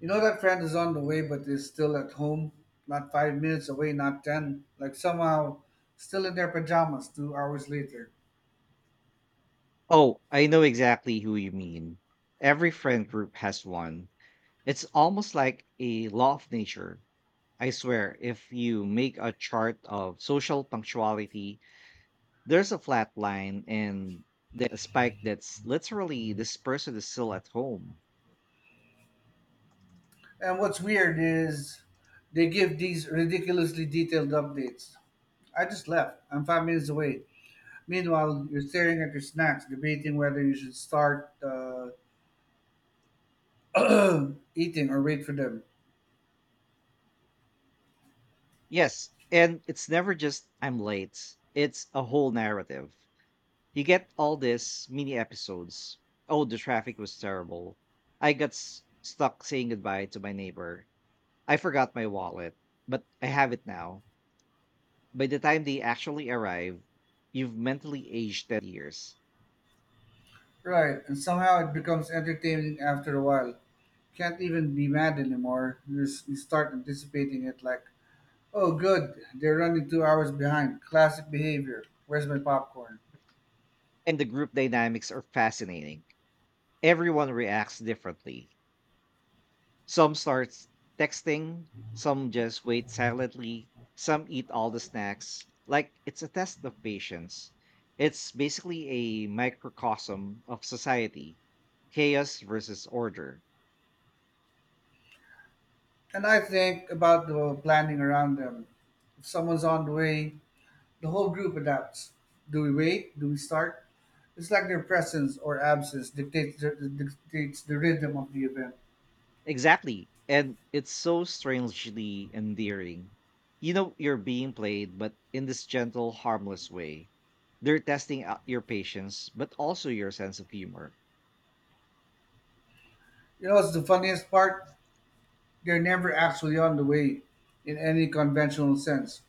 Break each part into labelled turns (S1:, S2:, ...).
S1: You know that friend is on the way but is still at home, not 5 minutes away, not ten, like somehow still in their pajamas 2 hours later.
S2: Oh, I know exactly who you mean. Every friend group has one. It's almost like a law of nature. I swear, if you make a chart of social punctuality, there's a flat line and then a spike that's literally this person is still at home.
S1: And what's weird is they give these ridiculously detailed updates. I just left. I'm 5 minutes away. Meanwhile, you're staring at your snacks, debating whether you should start eating or wait for them.
S2: Yes, and it's never just I'm late, it's a whole narrative. You get all these mini episodes. Oh, the traffic was terrible. I got stuck saying goodbye to my neighbor. I forgot my wallet, but I have it now. By the time they actually arrive, you've mentally aged 10 years.
S1: Right, and somehow it becomes entertaining after a while. Can't even be mad anymore. You start anticipating it like, oh, good. They're running 2 hours behind. Classic behavior. Where's my popcorn?
S2: And the group dynamics are fascinating. Everyone reacts differently. Some start texting, some just wait silently, some eat all the snacks. Like it's a test of patience. It's basically a microcosm of society, chaos versus order.
S1: And I think about the planning around them. If someone's on the way, the whole group adapts. Do we wait? Do we start? It's like their presence or absence dictates the rhythm of the event.
S2: Exactly. And it's so strangely endearing. You know you're being played, but in this gentle, harmless way. They're testing out your patience, but also your sense of humor.
S1: You know what's the funniest part? They're never actually on the way in any conventional sense.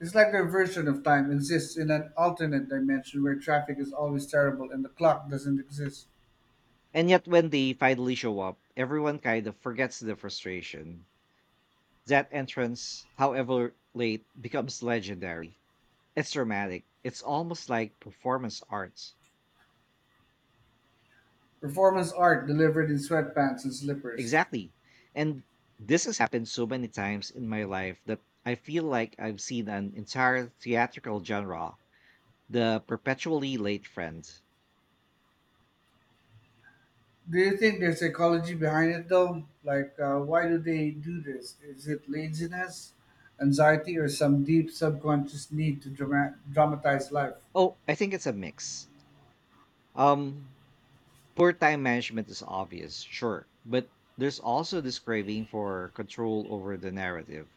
S1: It's like their version of time exists in an alternate dimension where traffic is always terrible and the clock doesn't exist.
S2: And yet, when they finally show up, everyone kind of forgets the frustration. That entrance, however late, becomes legendary. It's dramatic. It's almost like performance art.
S1: Performance art delivered in sweatpants and slippers.
S2: Exactly. And this has happened so many times in my life that I feel like I've seen an entire theatrical genre, the perpetually late friend.
S1: Do you think there's psychology behind it though? Like, why do they do this? Is it laziness, anxiety, or some deep subconscious need to dramatize life?
S2: Oh, I think it's a mix. Um, Poor time management is obvious, sure, but there's also this craving for control over the narrative.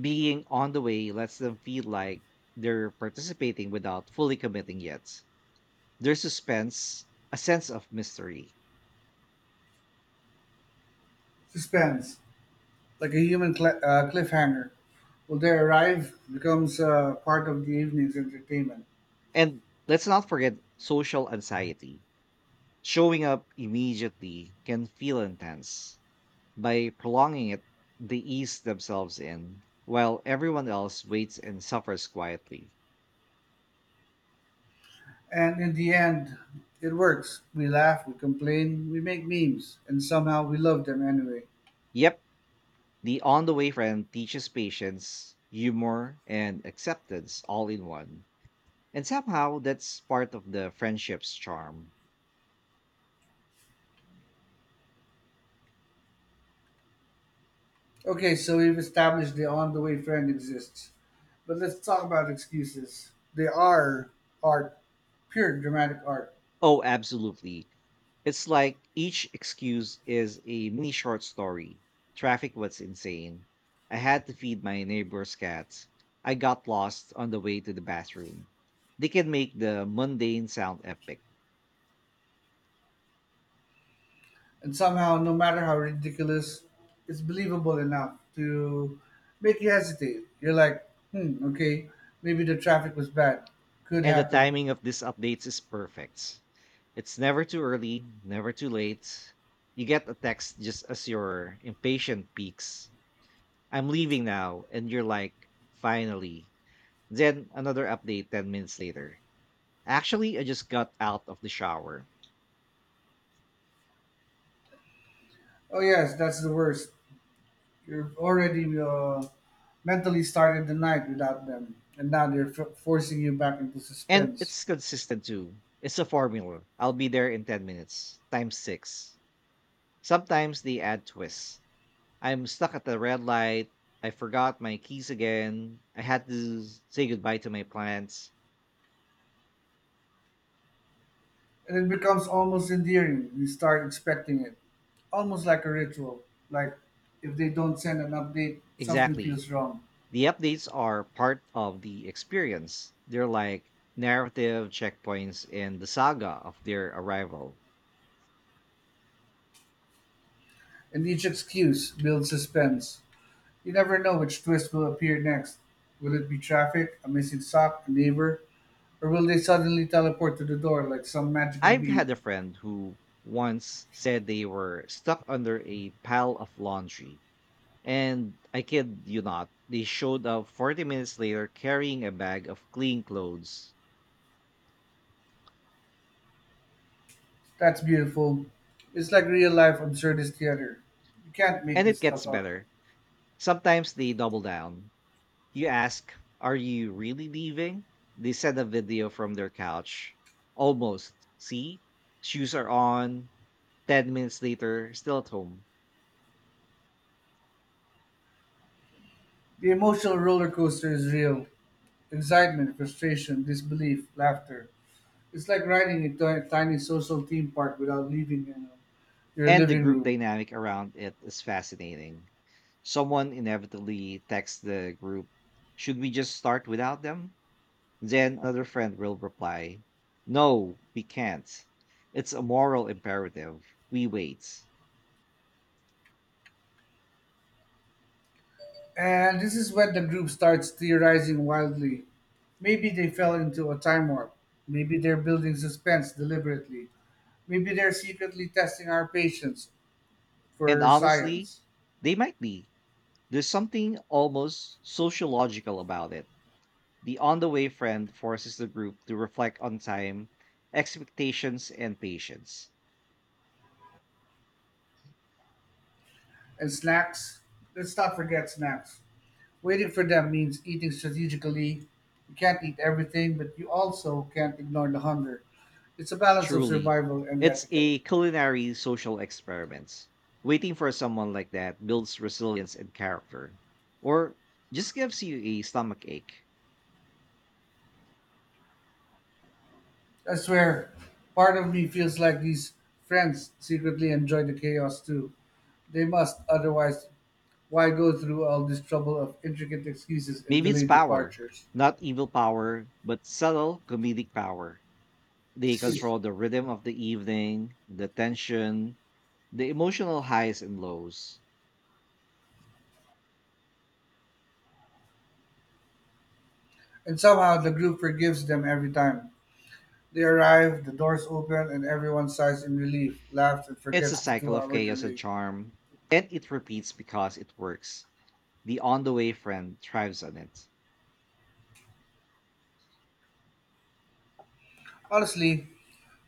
S2: Being on the way lets them feel like they're participating without fully committing yet. There's suspense, a sense of mystery.
S1: Suspense, like a human cliffhanger. Will they arrive? Becomes part of the evening's entertainment.
S2: And let's not forget social anxiety. Showing up immediately can feel intense. By prolonging it, they ease themselves in, while everyone else waits and suffers quietly.
S1: And in the end, it works. We laugh, we complain, we make memes, and somehow we love them anyway.
S2: Yep, the on the way friend teaches patience, humor, and acceptance all in one. And somehow that's part of the friendship's charm.
S1: Okay, so we've established the on the way friend exists. But let's talk about excuses. They are art, pure dramatic art.
S2: Oh, absolutely. It's like each excuse is a mini short story. Traffic was insane. I had to feed my neighbor's cats. I got lost on the way to the bathroom. They can make the mundane sound epic.
S1: And somehow, no matter how ridiculous, it's believable enough to make you hesitate. You're like, hmm, okay, maybe the traffic was bad. Could
S2: And the
S1: happen.
S2: timing of these updates is perfect. It's never too early, never too late. You get a text just as your impatient peaks. I'm leaving now. And you're like, finally. Then another update 10 minutes later. Actually, I just got out of the shower.
S1: Oh, yes, that's the worst. You're already mentally started the night without them. And now they're forcing you back into
S2: And
S1: suspense.
S2: it's consistent too. It's a formula. I'll be there in 10 minutes, times six. Sometimes they add twists. I'm stuck at the red light. I forgot my keys again. I had to say goodbye to my plants.
S1: And it becomes almost endearing. You start expecting it, almost like a ritual. Like if they don't send an update, something
S2: Exactly.
S1: feels wrong.
S2: The updates are part of the experience. They're like narrative checkpoints in the saga of their arrival.
S1: And each excuse builds suspense. You never know which twist will appear next. Will it be traffic, a missing sock, a neighbor, or will they suddenly teleport to the door like some magical
S2: I've had
S1: being?
S2: a friend who once said they were stuck under a pile of laundry. And I kid you not, they showed up 40 minutes later carrying a bag of clean clothes.
S1: That's beautiful. It's like real life absurdist theater. You can't make
S2: And
S1: this
S2: it
S1: stuff
S2: gets
S1: up.
S2: better. Sometimes they double down. You ask, are you really leaving? They send a video from their couch. Almost. See? Shoes are on. 10 minutes later, still at home.
S1: The emotional roller coaster is real. Excitement, frustration, disbelief, laughter. It's like riding a tiny social theme park without leaving, your
S2: And the
S1: living
S2: group
S1: room.
S2: dynamic around it is fascinating. Someone inevitably texts the group, should we just start without them? Then another friend will reply, no, we can't. It's a moral imperative. We wait.
S1: And this is when the group starts theorizing wildly. Maybe they fell into a time warp. Maybe they're building suspense deliberately. Maybe they're secretly testing our patience
S2: And
S1: for
S2: honestly,
S1: science.
S2: they might be. There's something almost sociological about it. The on the way friend forces the group to reflect on time, expectations, and patience.
S1: And snacks? Let's not forget snacks. Waiting for them means eating strategically. You can't eat everything, but you also can't ignore the hunger. It's a balance of
S2: Truly,
S1: survival and
S2: it's
S1: etiquette.
S2: a culinary social experiment. Waiting for someone like that builds resilience and character, or just gives you a stomach ache.
S1: I swear, part of me feels like these friends secretly enjoy the chaos too. They must, otherwise, why go through all this trouble of intricate excuses and
S2: Maybe it's
S1: delayed
S2: power,
S1: departures?
S2: not evil power, but subtle comedic power. They control the rhythm of the evening, the tension, the emotional highs and lows.
S1: And somehow the group forgives them every time. They arrive, the doors open, and everyone sighs in relief, laughs, and
S2: It's a
S1: forgets the two
S2: cycle of
S1: hour
S2: chaos and
S1: delay.
S2: charm, and it repeats because it works. The on the way friend thrives on it.
S1: Honestly,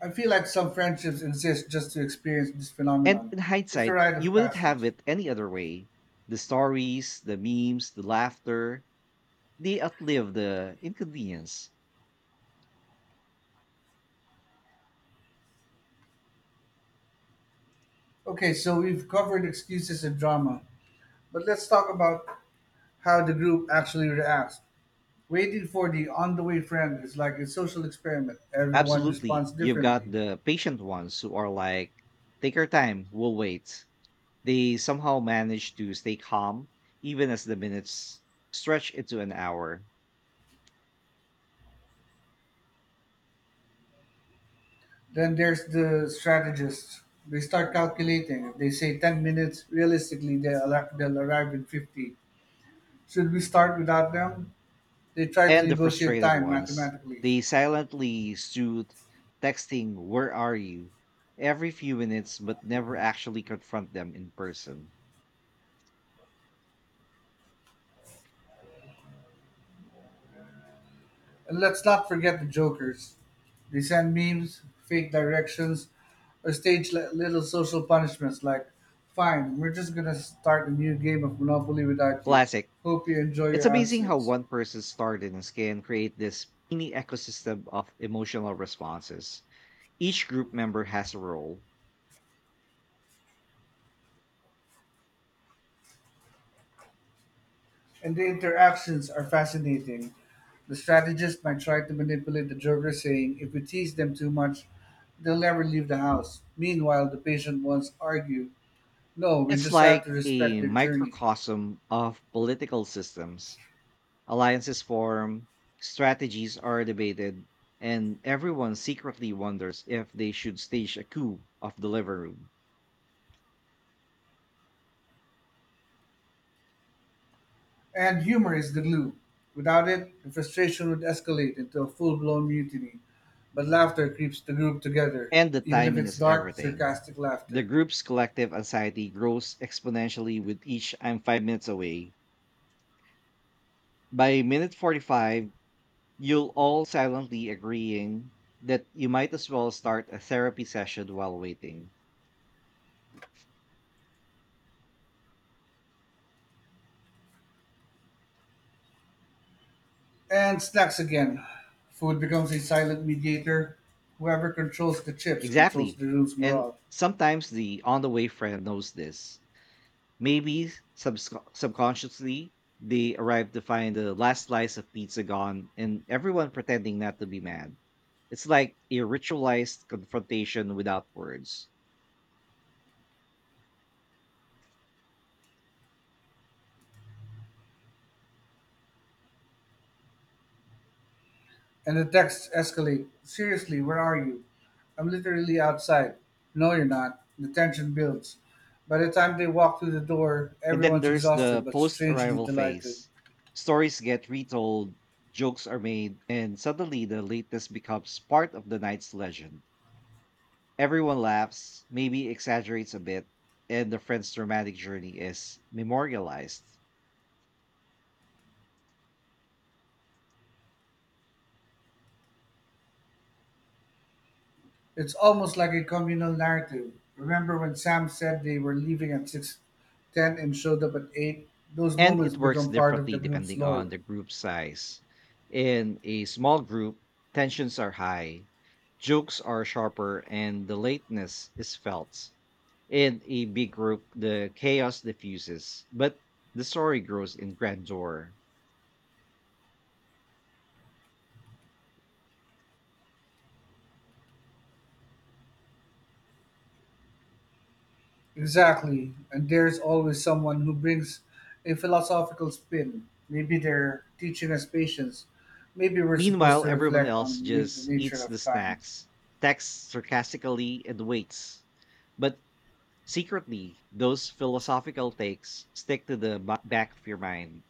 S1: I feel like some friendships exist just to experience this
S2: And
S1: phenomenon.
S2: in
S1: It's a
S2: hindsight,
S1: rite
S2: you
S1: of
S2: wouldn't
S1: passage.
S2: have it any other way. The stories, the memes, the laughter, they outlive the inconvenience.
S1: Okay, so we've covered excuses and drama, but let's talk about how the group actually reacts. Waiting for the on the way friend is like a social experiment. Everyone
S2: Absolutely.
S1: responds
S2: You've
S1: differently.
S2: got the patient ones who are like, take our time, we'll wait. They somehow manage to stay calm, even as the minutes stretch into an hour.
S1: Then there's the strategist. They start calculating. If they say 10 minutes, realistically, they'll arrive in 50. Should we start without them? They try to
S2: And the
S1: negotiate
S2: frustrated
S1: time
S2: ones,
S1: mathematically.
S2: they silently soothe, texting, where are you? Every few minutes, but never actually confront them in person.
S1: And let's not forget the jokers. They send memes, fake directions, or stage little social punishments like, fine, we're just gonna start a new game of Monopoly without you.
S2: Classic.
S1: Hope you enjoy
S2: It's
S1: your
S2: amazing how
S1: absence.
S2: one person's tardiness can create this mini ecosystem of emotional responses. Each group member has a role.
S1: And the interactions are fascinating. The strategist might try to manipulate the joker saying, if we tease them too much, they'll never leave the house. Meanwhile, the patient ones argue, no, we
S2: It's
S1: just have to
S2: like
S1: respect
S2: a
S1: their journey.
S2: microcosm of political systems. Alliances form, strategies are debated, and everyone secretly wonders if they should stage a coup of the living room.
S1: And humor is the glue. Without it, the frustration would escalate into a full blown mutiny. But laughter keeps the group together,
S2: And the
S1: even if
S2: timing
S1: it's
S2: is
S1: dark,
S2: everything.
S1: sarcastic
S2: The
S1: laughter.
S2: group's collective anxiety grows exponentially with each I'm 5 minutes away. By minute 45, you'll all silently agreeing that you might as well start a therapy session while waiting.
S1: And snacks again. Food becomes a silent mediator. Whoever controls the chips controls the
S2: Exactly.
S1: room's
S2: And
S1: morale.
S2: sometimes the on the way friend knows this. Maybe subconsciously, they arrive to find the last slice of pizza gone and everyone pretending not to be mad. It's like a ritualized confrontation without words.
S1: And the texts escalate. Seriously, where are you? I'm literally outside. No, you're not. The tension builds. By the time they walk through the door,
S2: And then
S1: everyone's
S2: there's
S1: exhausted
S2: the
S1: but
S2: post
S1: strangely
S2: arrival
S1: delighted.
S2: phase. Stories get retold, jokes are made, and suddenly the lateness becomes part of the night's legend. Everyone laughs, maybe exaggerates a bit, and the friend's dramatic journey is memorialized.
S1: It's almost like a communal narrative. Remember when Sam said they were leaving at 6:10 and showed up at 8? Those
S2: And
S1: moments
S2: it works
S1: become part of the
S2: differently
S1: group's
S2: depending on
S1: lore.
S2: the group size. In a small group, tensions are high, jokes are sharper, and the lateness is felt. In a big group, the chaos diffuses, but the story grows in grandeur.
S1: Exactly. And there's always someone who brings a philosophical spin. Maybe they're teaching us patience. Maybe we're supposed to
S2: Meanwhile, everyone
S1: reflect
S2: else
S1: on the
S2: just
S1: nature
S2: eats the
S1: of time.
S2: snacks, texts sarcastically, and waits. But secretly, those philosophical takes stick to the back of your mind.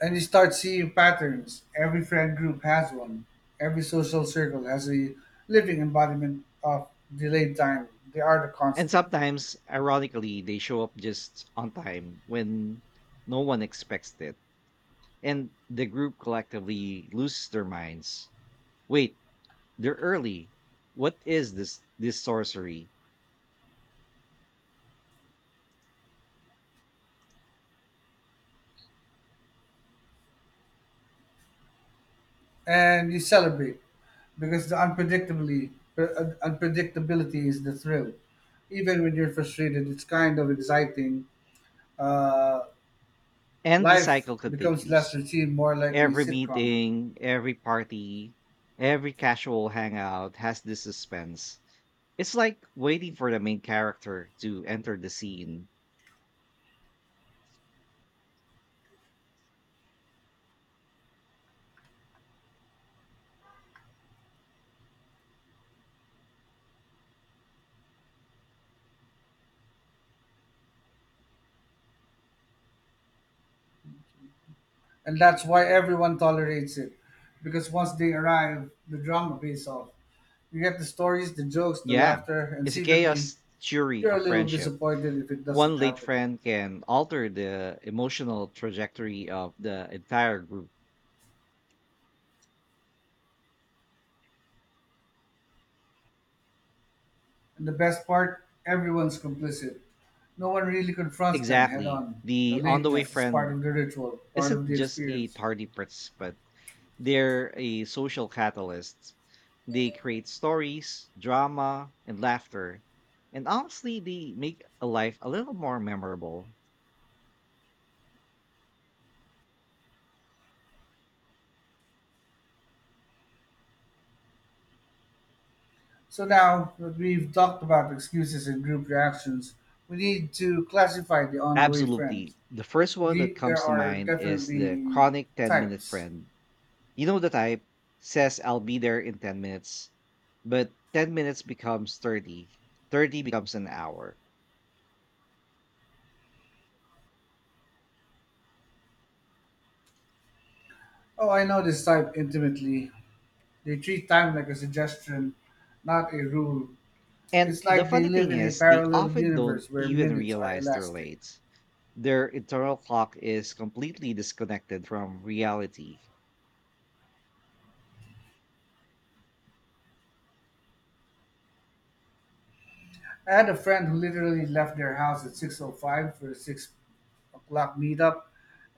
S1: And you start seeing patterns. Every friend group has one. Every social circle has a living embodiment of delayed time. They are the
S2: And
S1: constant.
S2: sometimes, ironically, they show up just on time when no one expects it. And the group collectively loses their minds. Wait, they're early. What is this sorcery?
S1: And you celebrate because the unpredictably unpredictability is the thrill. Even when you're frustrated, it's kind of exciting. Uh,
S2: And the
S1: life
S2: cycle
S1: becomes less
S2: continues.
S1: routine, more like a
S2: Every
S1: sitcom,
S2: meeting, every party, every casual hangout has this suspense. It's like waiting for the main character to enter the scene.
S1: and that's why everyone tolerates it. Because once they arrive, the drama pays off. You get the stories, the jokes, the
S2: Yeah,
S1: laughter, and
S2: it's a
S1: secretly,
S2: chaos theory
S1: you're
S2: of
S1: a little
S2: friendship.
S1: disappointed if it doesn't
S2: One late
S1: happen.
S2: friend can alter the emotional trajectory of the entire group.
S1: And the best part, everyone's complicit. No one really confronts them head
S2: Exactly.
S1: on. The
S2: The on the way
S1: lateness is part
S2: friend
S1: of the ritual, part of
S2: isn't
S1: the
S2: just a
S1: experience.
S2: tardy participant, they're a social catalyst. They create stories, drama, and laughter. And honestly, they make a life a little more memorable.
S1: So now that we've talked about excuses and group reactions, we need to classify the on the way friends.
S2: Absolutely. The first one that
S1: There
S2: comes to
S1: are
S2: mind is the
S1: definitely
S2: chronic 10-minute
S1: types.
S2: friend. You know the type, says I'll be there in 10 minutes, but 10 minutes becomes 30, 30 becomes an hour.
S1: Oh, I know this type intimately. They treat time like a suggestion, not a rule.
S2: And
S1: It's
S2: the
S1: like they
S2: funny
S1: live
S2: thing
S1: in a
S2: is, they
S1: parallel
S2: often don't
S1: universe where
S2: even
S1: minutes are
S2: realize they're
S1: elastic.
S2: late. Their internal clock is completely disconnected from reality.
S1: I had a friend who literally left their house at 6:05 for a 6 o'clock meetup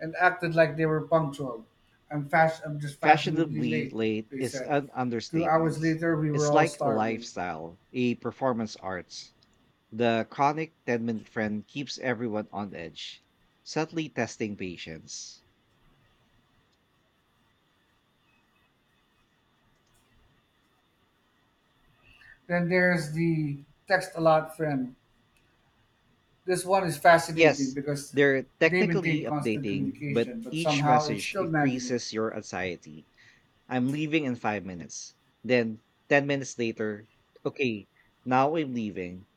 S1: and acted like they were punctual. I'm just fashionably
S2: Fashionably
S1: late,
S2: late
S1: they
S2: is
S1: said.
S2: an
S1: 2 hours
S2: understatement.
S1: later, we were
S2: It's
S1: all
S2: like a
S1: starving.
S2: lifestyle, a performance art. The chronic 10-minute friend keeps everyone on edge, subtly testing patience.
S1: Then there's the text a lot friend. This one is fascinating
S2: Yes,
S1: because
S2: they're
S1: they maintain
S2: technically
S1: constant
S2: updating, but
S1: communication, but
S2: each
S1: somehow it's
S2: message
S1: still maddening.
S2: increases your anxiety. I'm leaving in 5 minutes. Then 10 minutes later, okay, now I'm leaving.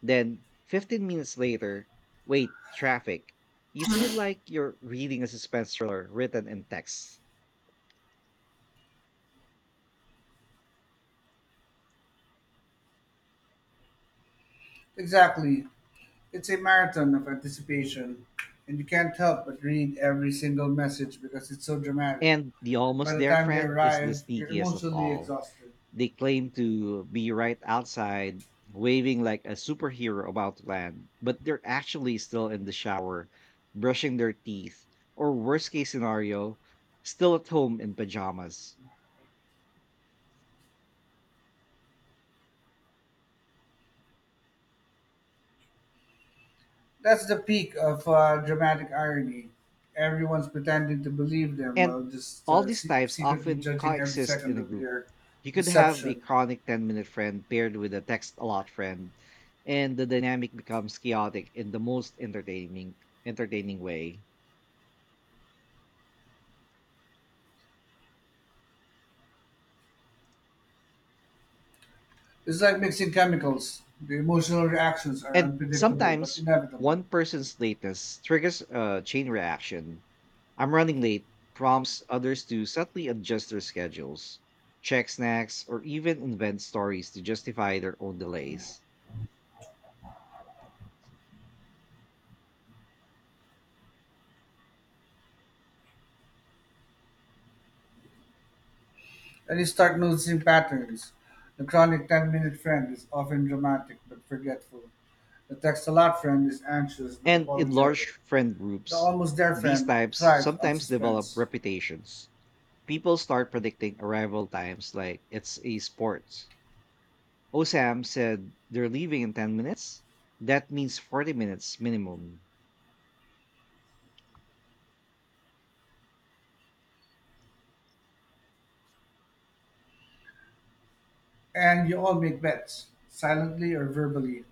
S2: Then 15 minutes later, wait, traffic. You feel like you're reading a suspense thriller written in text.
S1: Exactly. It's a marathon of anticipation, and you can't help but read every single message because it's so dramatic.
S2: And the almost
S1: By the
S2: there
S1: time they
S2: friend is the
S1: arrive, you're
S2: sneakiest of
S1: emotionally
S2: all.
S1: exhausted.
S2: They claim to be right outside, waving like a superhero about to land, but they're actually still in the shower, brushing their teeth, or worst case scenario, still at home in pajamas.
S1: That's the peak of dramatic irony. Everyone's pretending to believe them
S2: And
S1: while just
S2: all these types
S1: secretly
S2: often
S1: judging every
S2: coexist in
S1: second
S2: a
S1: of
S2: group.
S1: their
S2: You could have a
S1: deception.
S2: chronic 10-minute friend paired with a text a lot friend, and the dynamic becomes chaotic in the most entertaining way.
S1: It's like mixing chemicals. The emotional reactions are
S2: And
S1: unpredictable but
S2: sometimes
S1: inevitable.
S2: one person's lateness triggers a chain reaction. I'm running late prompts others to subtly adjust their schedules, check snacks, or even invent stories to justify their own delays.
S1: And you start noticing patterns. The chronic 10-minute friend is often dramatic but forgetful. The text a lot friend is anxious but
S2: And in large
S1: apologetic.
S2: friend
S1: The
S2: groups,
S1: almost there
S2: these
S1: friend
S2: types
S1: thrives on
S2: sometimes develop
S1: suspense.
S2: reputations. People start predicting arrival times like it's a sport. Osam said they're leaving in 10 minutes. That means 40 minutes minimum.
S1: And you all make bets, silently or verbally.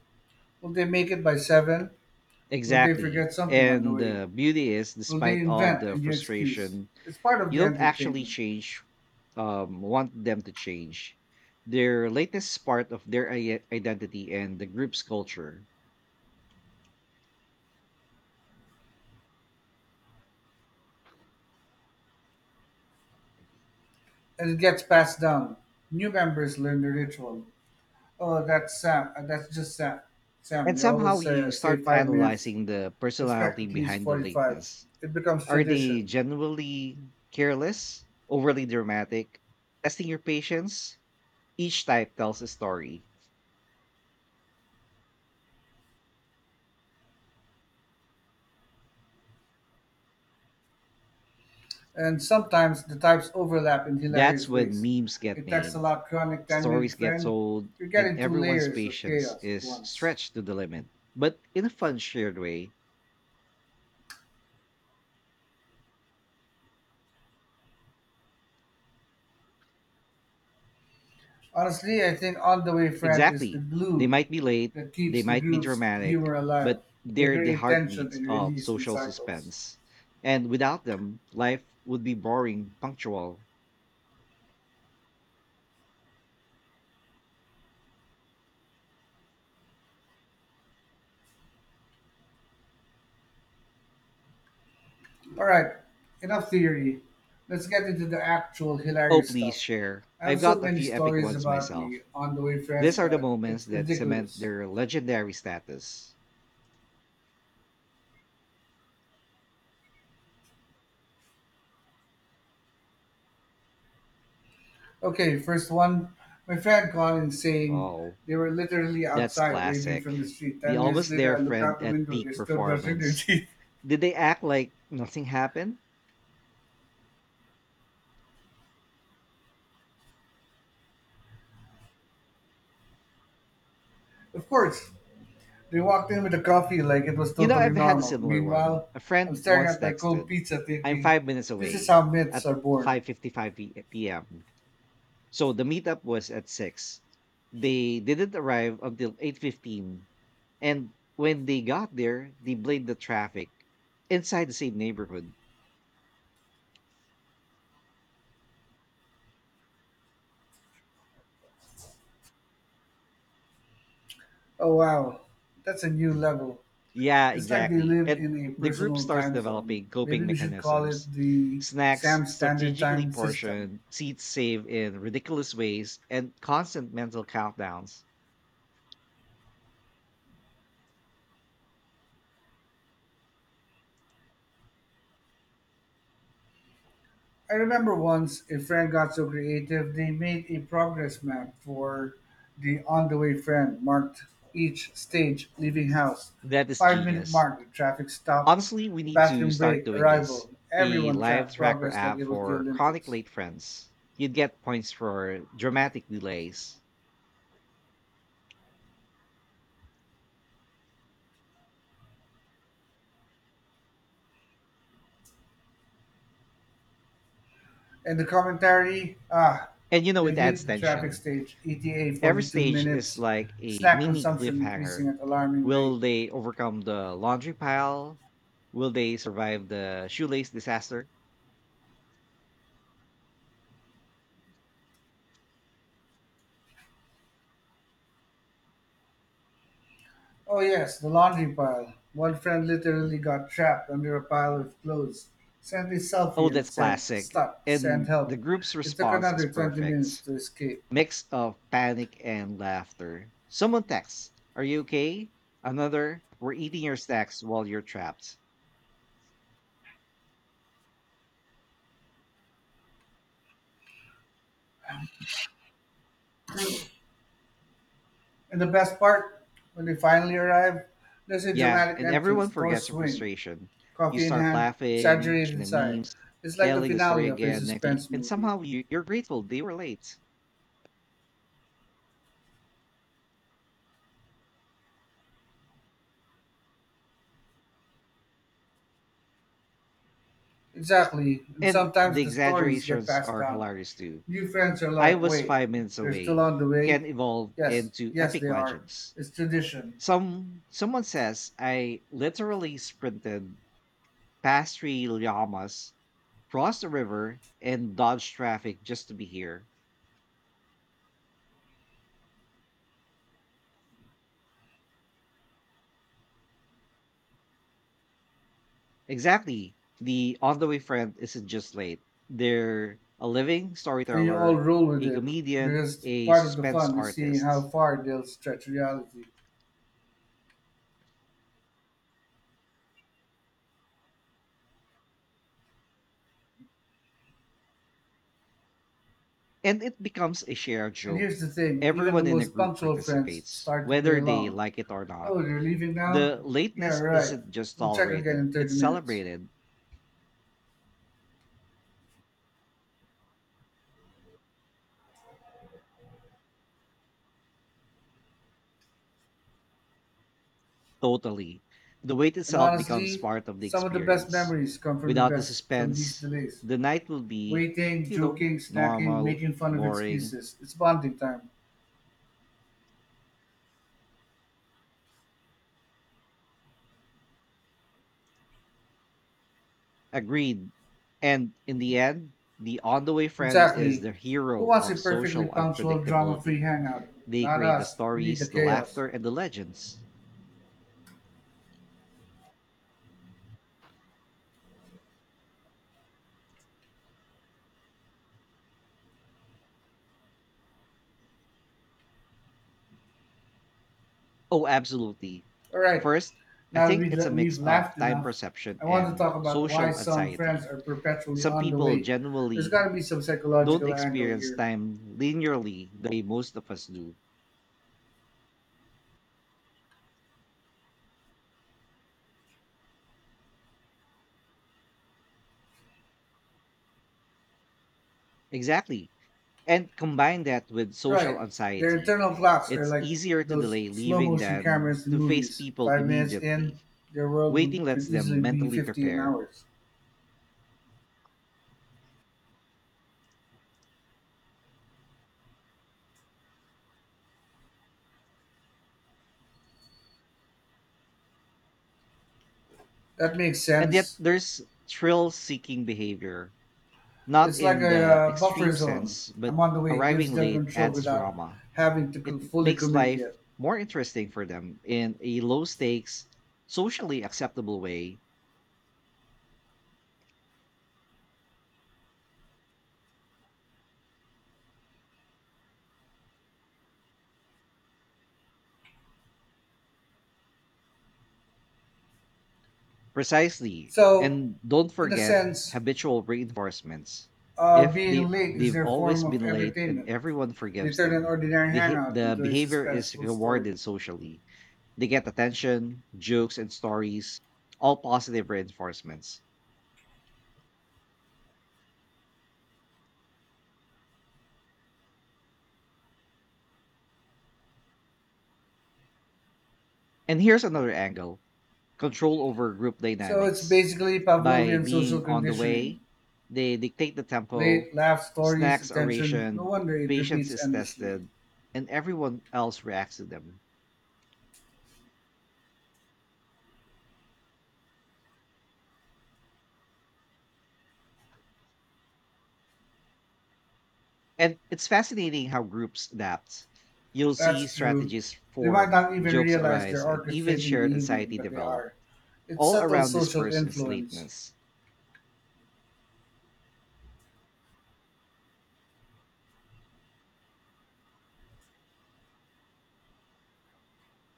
S1: Will they make it by 7? Will they
S2: Exactly.
S1: forget something on the
S2: And
S1: way?
S2: the beauty is,
S1: Will they
S2: despite all
S1: invent a
S2: the
S1: new excuse?
S2: frustration,
S1: It's part of
S2: you
S1: the
S2: don't actually
S1: entertainment,
S2: change, want them to change. Their latest is part of their identity and the group's culture.
S1: and it gets passed down. New members learn the ritual. Oh, that's Sam. That's just Sam.
S2: And
S1: They
S2: somehow
S1: always say,
S2: you
S1: uh, say
S2: start
S1: 5 minutes.
S2: analyzing the
S1: Expect
S2: personality
S1: at least
S2: behind the
S1: 45.
S2: lateness.
S1: It becomes
S2: Are they
S1: tradition,
S2: genuinely careless, overly dramatic, testing your patience? Each type tells a story.
S1: and sometimes the types overlap in hilarious
S2: That's when
S1: ways.
S2: memes get
S1: It takes a
S2: made.
S1: lot chronic 10-minute
S2: Stories get
S1: friend.
S2: told,
S1: You're
S2: and
S1: getting two
S2: everyone's
S1: layers of
S2: patience
S1: chaos at
S2: is
S1: once.
S2: stretched to the limit, but in a fun, shared way.
S1: Honestly, I think On the Way Friend is the
S2: Exactly. They
S1: glue
S2: might be late,
S1: that
S2: they
S1: keeps the
S2: might be
S1: group's humor
S2: dramatic,
S1: alive.
S2: but
S1: They
S2: they're the
S1: create tension
S2: heartbeats
S1: and
S2: of
S1: release in
S2: social
S1: cycles.
S2: suspense. And without them, life would be boring, punctual.
S1: All right, enough theory. Let's get into the actual
S2: Oh,
S1: hilarious
S2: please
S1: stuff.
S2: share.
S1: I have
S2: I've
S1: so
S2: got a
S1: many
S2: few epic
S1: stories
S2: ones
S1: about the
S2: myself.
S1: On the Way
S2: These
S1: Friends
S2: are the
S1: that
S2: moments
S1: it's
S2: that cement
S1: ridiculous.
S2: their legendary status.
S1: Okay, first one. My friend called in saying
S2: Oh.
S1: they were literally
S2: That's
S1: outside waving
S2: classic.
S1: from the street.
S2: The
S1: 10 minutes
S2: almost
S1: later,
S2: there
S1: I looked out
S2: friend
S1: the
S2: at
S1: window. They're
S2: peak
S1: still brushing their
S2: performance.
S1: teeth.
S2: Did they act like nothing happened?
S1: Of course. They walked in with a coffee like it was
S2: You know,
S1: totally
S2: I've had a
S1: normal.
S2: similar one.
S1: Meanwhile,
S2: A
S1: I'm
S2: friend
S1: staring
S2: once
S1: at my cold
S2: texted,
S1: pizza
S2: "I'm
S1: thinking,
S2: 5 minutes
S1: this is
S2: away
S1: how myths
S2: at
S1: are born.
S2: 5:55 p.m." So the meetup was at 6. They didn't arrive until 8:15, and when they got there, they blamed the traffic inside the same neighborhood.
S1: Oh wow, that's a new level.
S2: Yeah,
S1: It's like they
S2: exactly.
S1: live
S2: And
S1: in a
S2: the group
S1: personal
S2: starts
S1: time zone.
S2: developing coping
S1: Maybe we should call
S2: mechanisms.
S1: it the
S2: Snacks
S1: Sam Standard
S2: strategically
S1: Time System.
S2: portioned, seats saved in ridiculous ways, and constant mental countdowns.
S1: I remember once a friend got so creative they made a progress map for the on the way friend, marked each stage, leaving house,
S2: That is
S1: 5 minute
S2: genius.
S1: mark, traffic stop,
S2: Honestly, we need to
S1: bathroom
S2: start
S1: break,
S2: doing this.
S1: arrival.
S2: A
S1: Everyone
S2: live
S1: tracked
S2: tracker
S1: progress like
S2: app
S1: it was the
S2: for chronic
S1: Olympics.
S2: late friends. You'd get points for dramatic delays.
S1: And the commentary, ah,
S2: And you know, it
S1: they've hit
S2: adds
S1: the traffic
S2: tension.
S1: stage, ETA
S2: Every
S1: 42
S2: stage is
S1: minutes,
S2: like a
S1: snack
S2: mini
S1: consumption increasing
S2: cliffhanger.
S1: at alarming rate.
S2: Will they overcome the laundry pile? Will they survive the shoelace disaster?
S1: Oh, yes, the laundry pile. One friend literally got trapped under a pile of clothes, sent a
S2: Oh,
S1: selfie, and
S2: that's
S1: said,
S2: classic.
S1: stuck. Send
S2: And the
S1: help.
S2: group's
S1: It took
S2: response is
S1: another 20 minutes
S2: perfect.
S1: to escape.
S2: Mix of panic and laughter. Someone texts, are you okay? Another, we're eating your snacks while you're trapped.
S1: And the best part, when they finally arrive, there's a
S2: Yeah,
S1: dramatic
S2: and
S1: entrance,
S2: everyone
S1: door
S2: forgets their
S1: swing,
S2: frustration. You
S1: coffee in
S2: start
S1: hand,
S2: laughing,
S1: exaggerated
S2: sharing the
S1: sigh.
S2: memes,
S1: It's like the
S2: telling the
S1: finale
S2: story
S1: of a
S2: again next week,
S1: suspense
S2: and
S1: movie.
S2: somehow you're grateful they were late.
S1: Exactly, and
S2: And
S1: sometimes
S2: the
S1: the stories get
S2: exaggerations
S1: passed
S2: are
S1: down.
S2: hilarious too.
S1: New friends are
S2: I
S1: like,
S2: was
S1: wait,
S2: 5 minutes
S1: they're still
S2: away
S1: on the way?
S2: can evolve
S1: Yes,
S2: into
S1: yes,
S2: epic
S1: they are.
S2: legends.
S1: It's tradition.
S2: Someone says I literally sprinted past three llamas, crossed the river, and dodged traffic just to be here. Exactly. The on the way friend isn't just late. They're a living
S1: And you all
S2: storyteller,
S1: roll with
S2: a
S1: it
S2: comedian,
S1: because
S2: a
S1: part of the
S2: suspense
S1: fun is seeing how
S2: artist.
S1: far they'll stretch reality.
S2: And it becomes a shared
S1: And
S2: joke.
S1: here's the thing, even the
S2: Everyone in the
S1: most
S2: group
S1: punctual friends
S2: participates,
S1: start to play
S2: whether they
S1: along.
S2: like it or not.
S1: Oh, you're leaving now?
S2: The
S1: Yeah,
S2: lateness
S1: right.
S2: isn't just
S1: We'll check again
S2: tolerated,
S1: in 30
S2: it's
S1: minutes.
S2: celebrated totally. The wait
S1: And
S2: itself becomes
S1: honestly,
S2: part of the
S1: some of the best
S2: experience.
S1: memories come from the
S2: Without the
S1: best from these
S2: suspense,
S1: delays.
S2: the night will be,
S1: Waiting,
S2: you know,
S1: joking, snacking,
S2: normal,
S1: making fun of
S2: boring,
S1: excuses. It's bonding time.
S2: agreed. And in the end, the on the way friend is
S1: Exactly.
S2: the
S1: Who
S2: hero
S1: wants a
S2: of
S1: perfectly
S2: social
S1: punctual, drama free
S2: unpredictability.
S1: hangout?
S2: They
S1: Not
S2: create the
S1: us. We need the
S2: stories, the
S1: chaos.
S2: laughter, and the legends. Oh, absolutely.
S1: All right,
S2: First, I
S1: now that
S2: think
S1: we've
S2: it's a
S1: le-
S2: mix
S1: we've
S2: of
S1: laughed
S2: time
S1: enough,
S2: perception
S1: I want to
S2: and
S1: talk about why
S2: social
S1: some friends
S2: anxiety.
S1: are perpetually
S2: Some
S1: on the
S2: people
S1: way. There's got
S2: genuinely
S1: to be some
S2: don't
S1: psychological angle
S2: experience
S1: here.
S2: time linearly the way most of us do. Exactly. And combine that with social
S1: Right. Their
S2: anxiety.
S1: internal clocks are
S2: It's
S1: like
S2: easier to
S1: those
S2: delay
S1: slow
S2: leaving
S1: motion
S2: than
S1: cameras in
S2: to face
S1: movies.
S2: people
S1: 5 minutes in,
S2: immediately.
S1: their world
S2: Waiting lets
S1: could easily
S2: them
S1: be
S2: mentally
S1: 50 in
S2: prepare.
S1: hours. That makes
S2: And yet,
S1: sense.
S2: there's thrill seeking behavior. Not
S1: It's like
S2: in
S1: a
S2: the
S1: buffer
S2: extreme
S1: zone.
S2: sense, but
S1: I'm on the way. It gives
S2: arriving
S1: them
S2: late
S1: control
S2: adds
S1: without
S2: drama.
S1: having to
S2: It
S1: fully
S2: makes
S1: commit yet.
S2: life more interesting for them in a low stakes, socially acceptable way. Precisely.
S1: So,
S2: And don't
S1: in a
S2: forget
S1: sense,
S2: habitual reinforcements. If
S1: being
S2: they
S1: late is
S2: they've
S1: their form
S2: always
S1: of
S2: been late and
S1: entertainment.
S2: everyone
S1: They
S2: forgives
S1: turn an
S2: them,
S1: ordinary
S2: the ha-
S1: hangout
S2: the
S1: into a
S2: behavior is
S1: suspenseful story.
S2: rewarded socially. They get attention, jokes, and stories, all positive reinforcements. And here's another angle, control over group
S1: So it's
S2: dynamics.
S1: basically
S2: By
S1: Pavlovian social
S2: being on the
S1: conditioning.
S2: way, they dictate the tempo,
S1: Late laugh stories,
S2: snacks are
S1: attention, no
S2: rationed,
S1: wonder it
S2: patience
S1: repeats
S2: is
S1: endlessly.
S2: tested, and everyone else reacts to them. And it's fascinating how groups adapt. You'll see
S1: That's true.
S2: strategies
S1: They might
S2: form,
S1: not even
S2: jokes
S1: realize they're
S2: arise, and even
S1: orchestrating the
S2: shared
S1: evening,
S2: anxiety
S1: but they
S2: develop,
S1: are. It's
S2: all
S1: subtle
S2: around this
S1: social
S2: person's
S1: influence.
S2: lateness.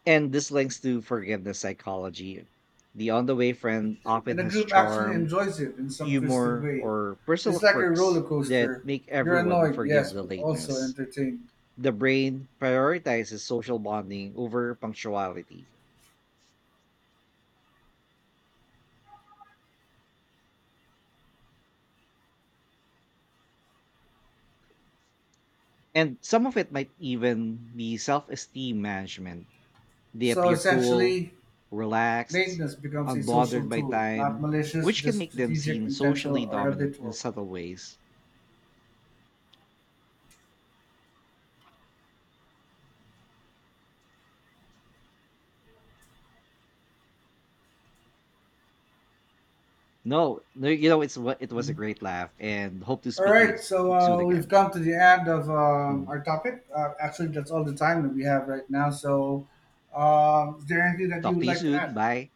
S2: And this links to forgiveness psychology. The on the way friend
S1: And
S2: often
S1: the
S2: has
S1: group actually
S2: charm,
S1: enjoys it in some twisted
S2: humor,
S1: way.
S2: or
S1: It's
S2: personal
S1: like a roller
S2: quirks that
S1: coaster.
S2: make
S1: You're
S2: everyone
S1: annoyed,
S2: forgive
S1: yes,
S2: the
S1: but also
S2: lateness.
S1: entertained.
S2: The brain prioritizes social bonding over punctuality. And some of it might even be self esteem management. They
S1: So
S2: appear cool,
S1: essentially,
S2: relaxed,
S1: lateness becomes a
S2: unbothered
S1: social
S2: by
S1: tool, not
S2: time,
S1: malicious,
S2: which can
S1: just
S2: make them
S1: strategic,
S2: seem
S1: intentional,
S2: socially
S1: or
S2: dominant in
S1: habitual.
S2: subtle ways. No, no, it's what it was a great laugh and hope to
S1: All
S2: speak to you
S1: right, so
S2: soon
S1: we've
S2: again.
S1: come to the end of
S2: Mm.
S1: our topic. Actually, that's all the time that we have right now. So, is there anything that you
S2: Talk
S1: would
S2: to you
S1: like to
S2: soon.
S1: add?
S2: Bye.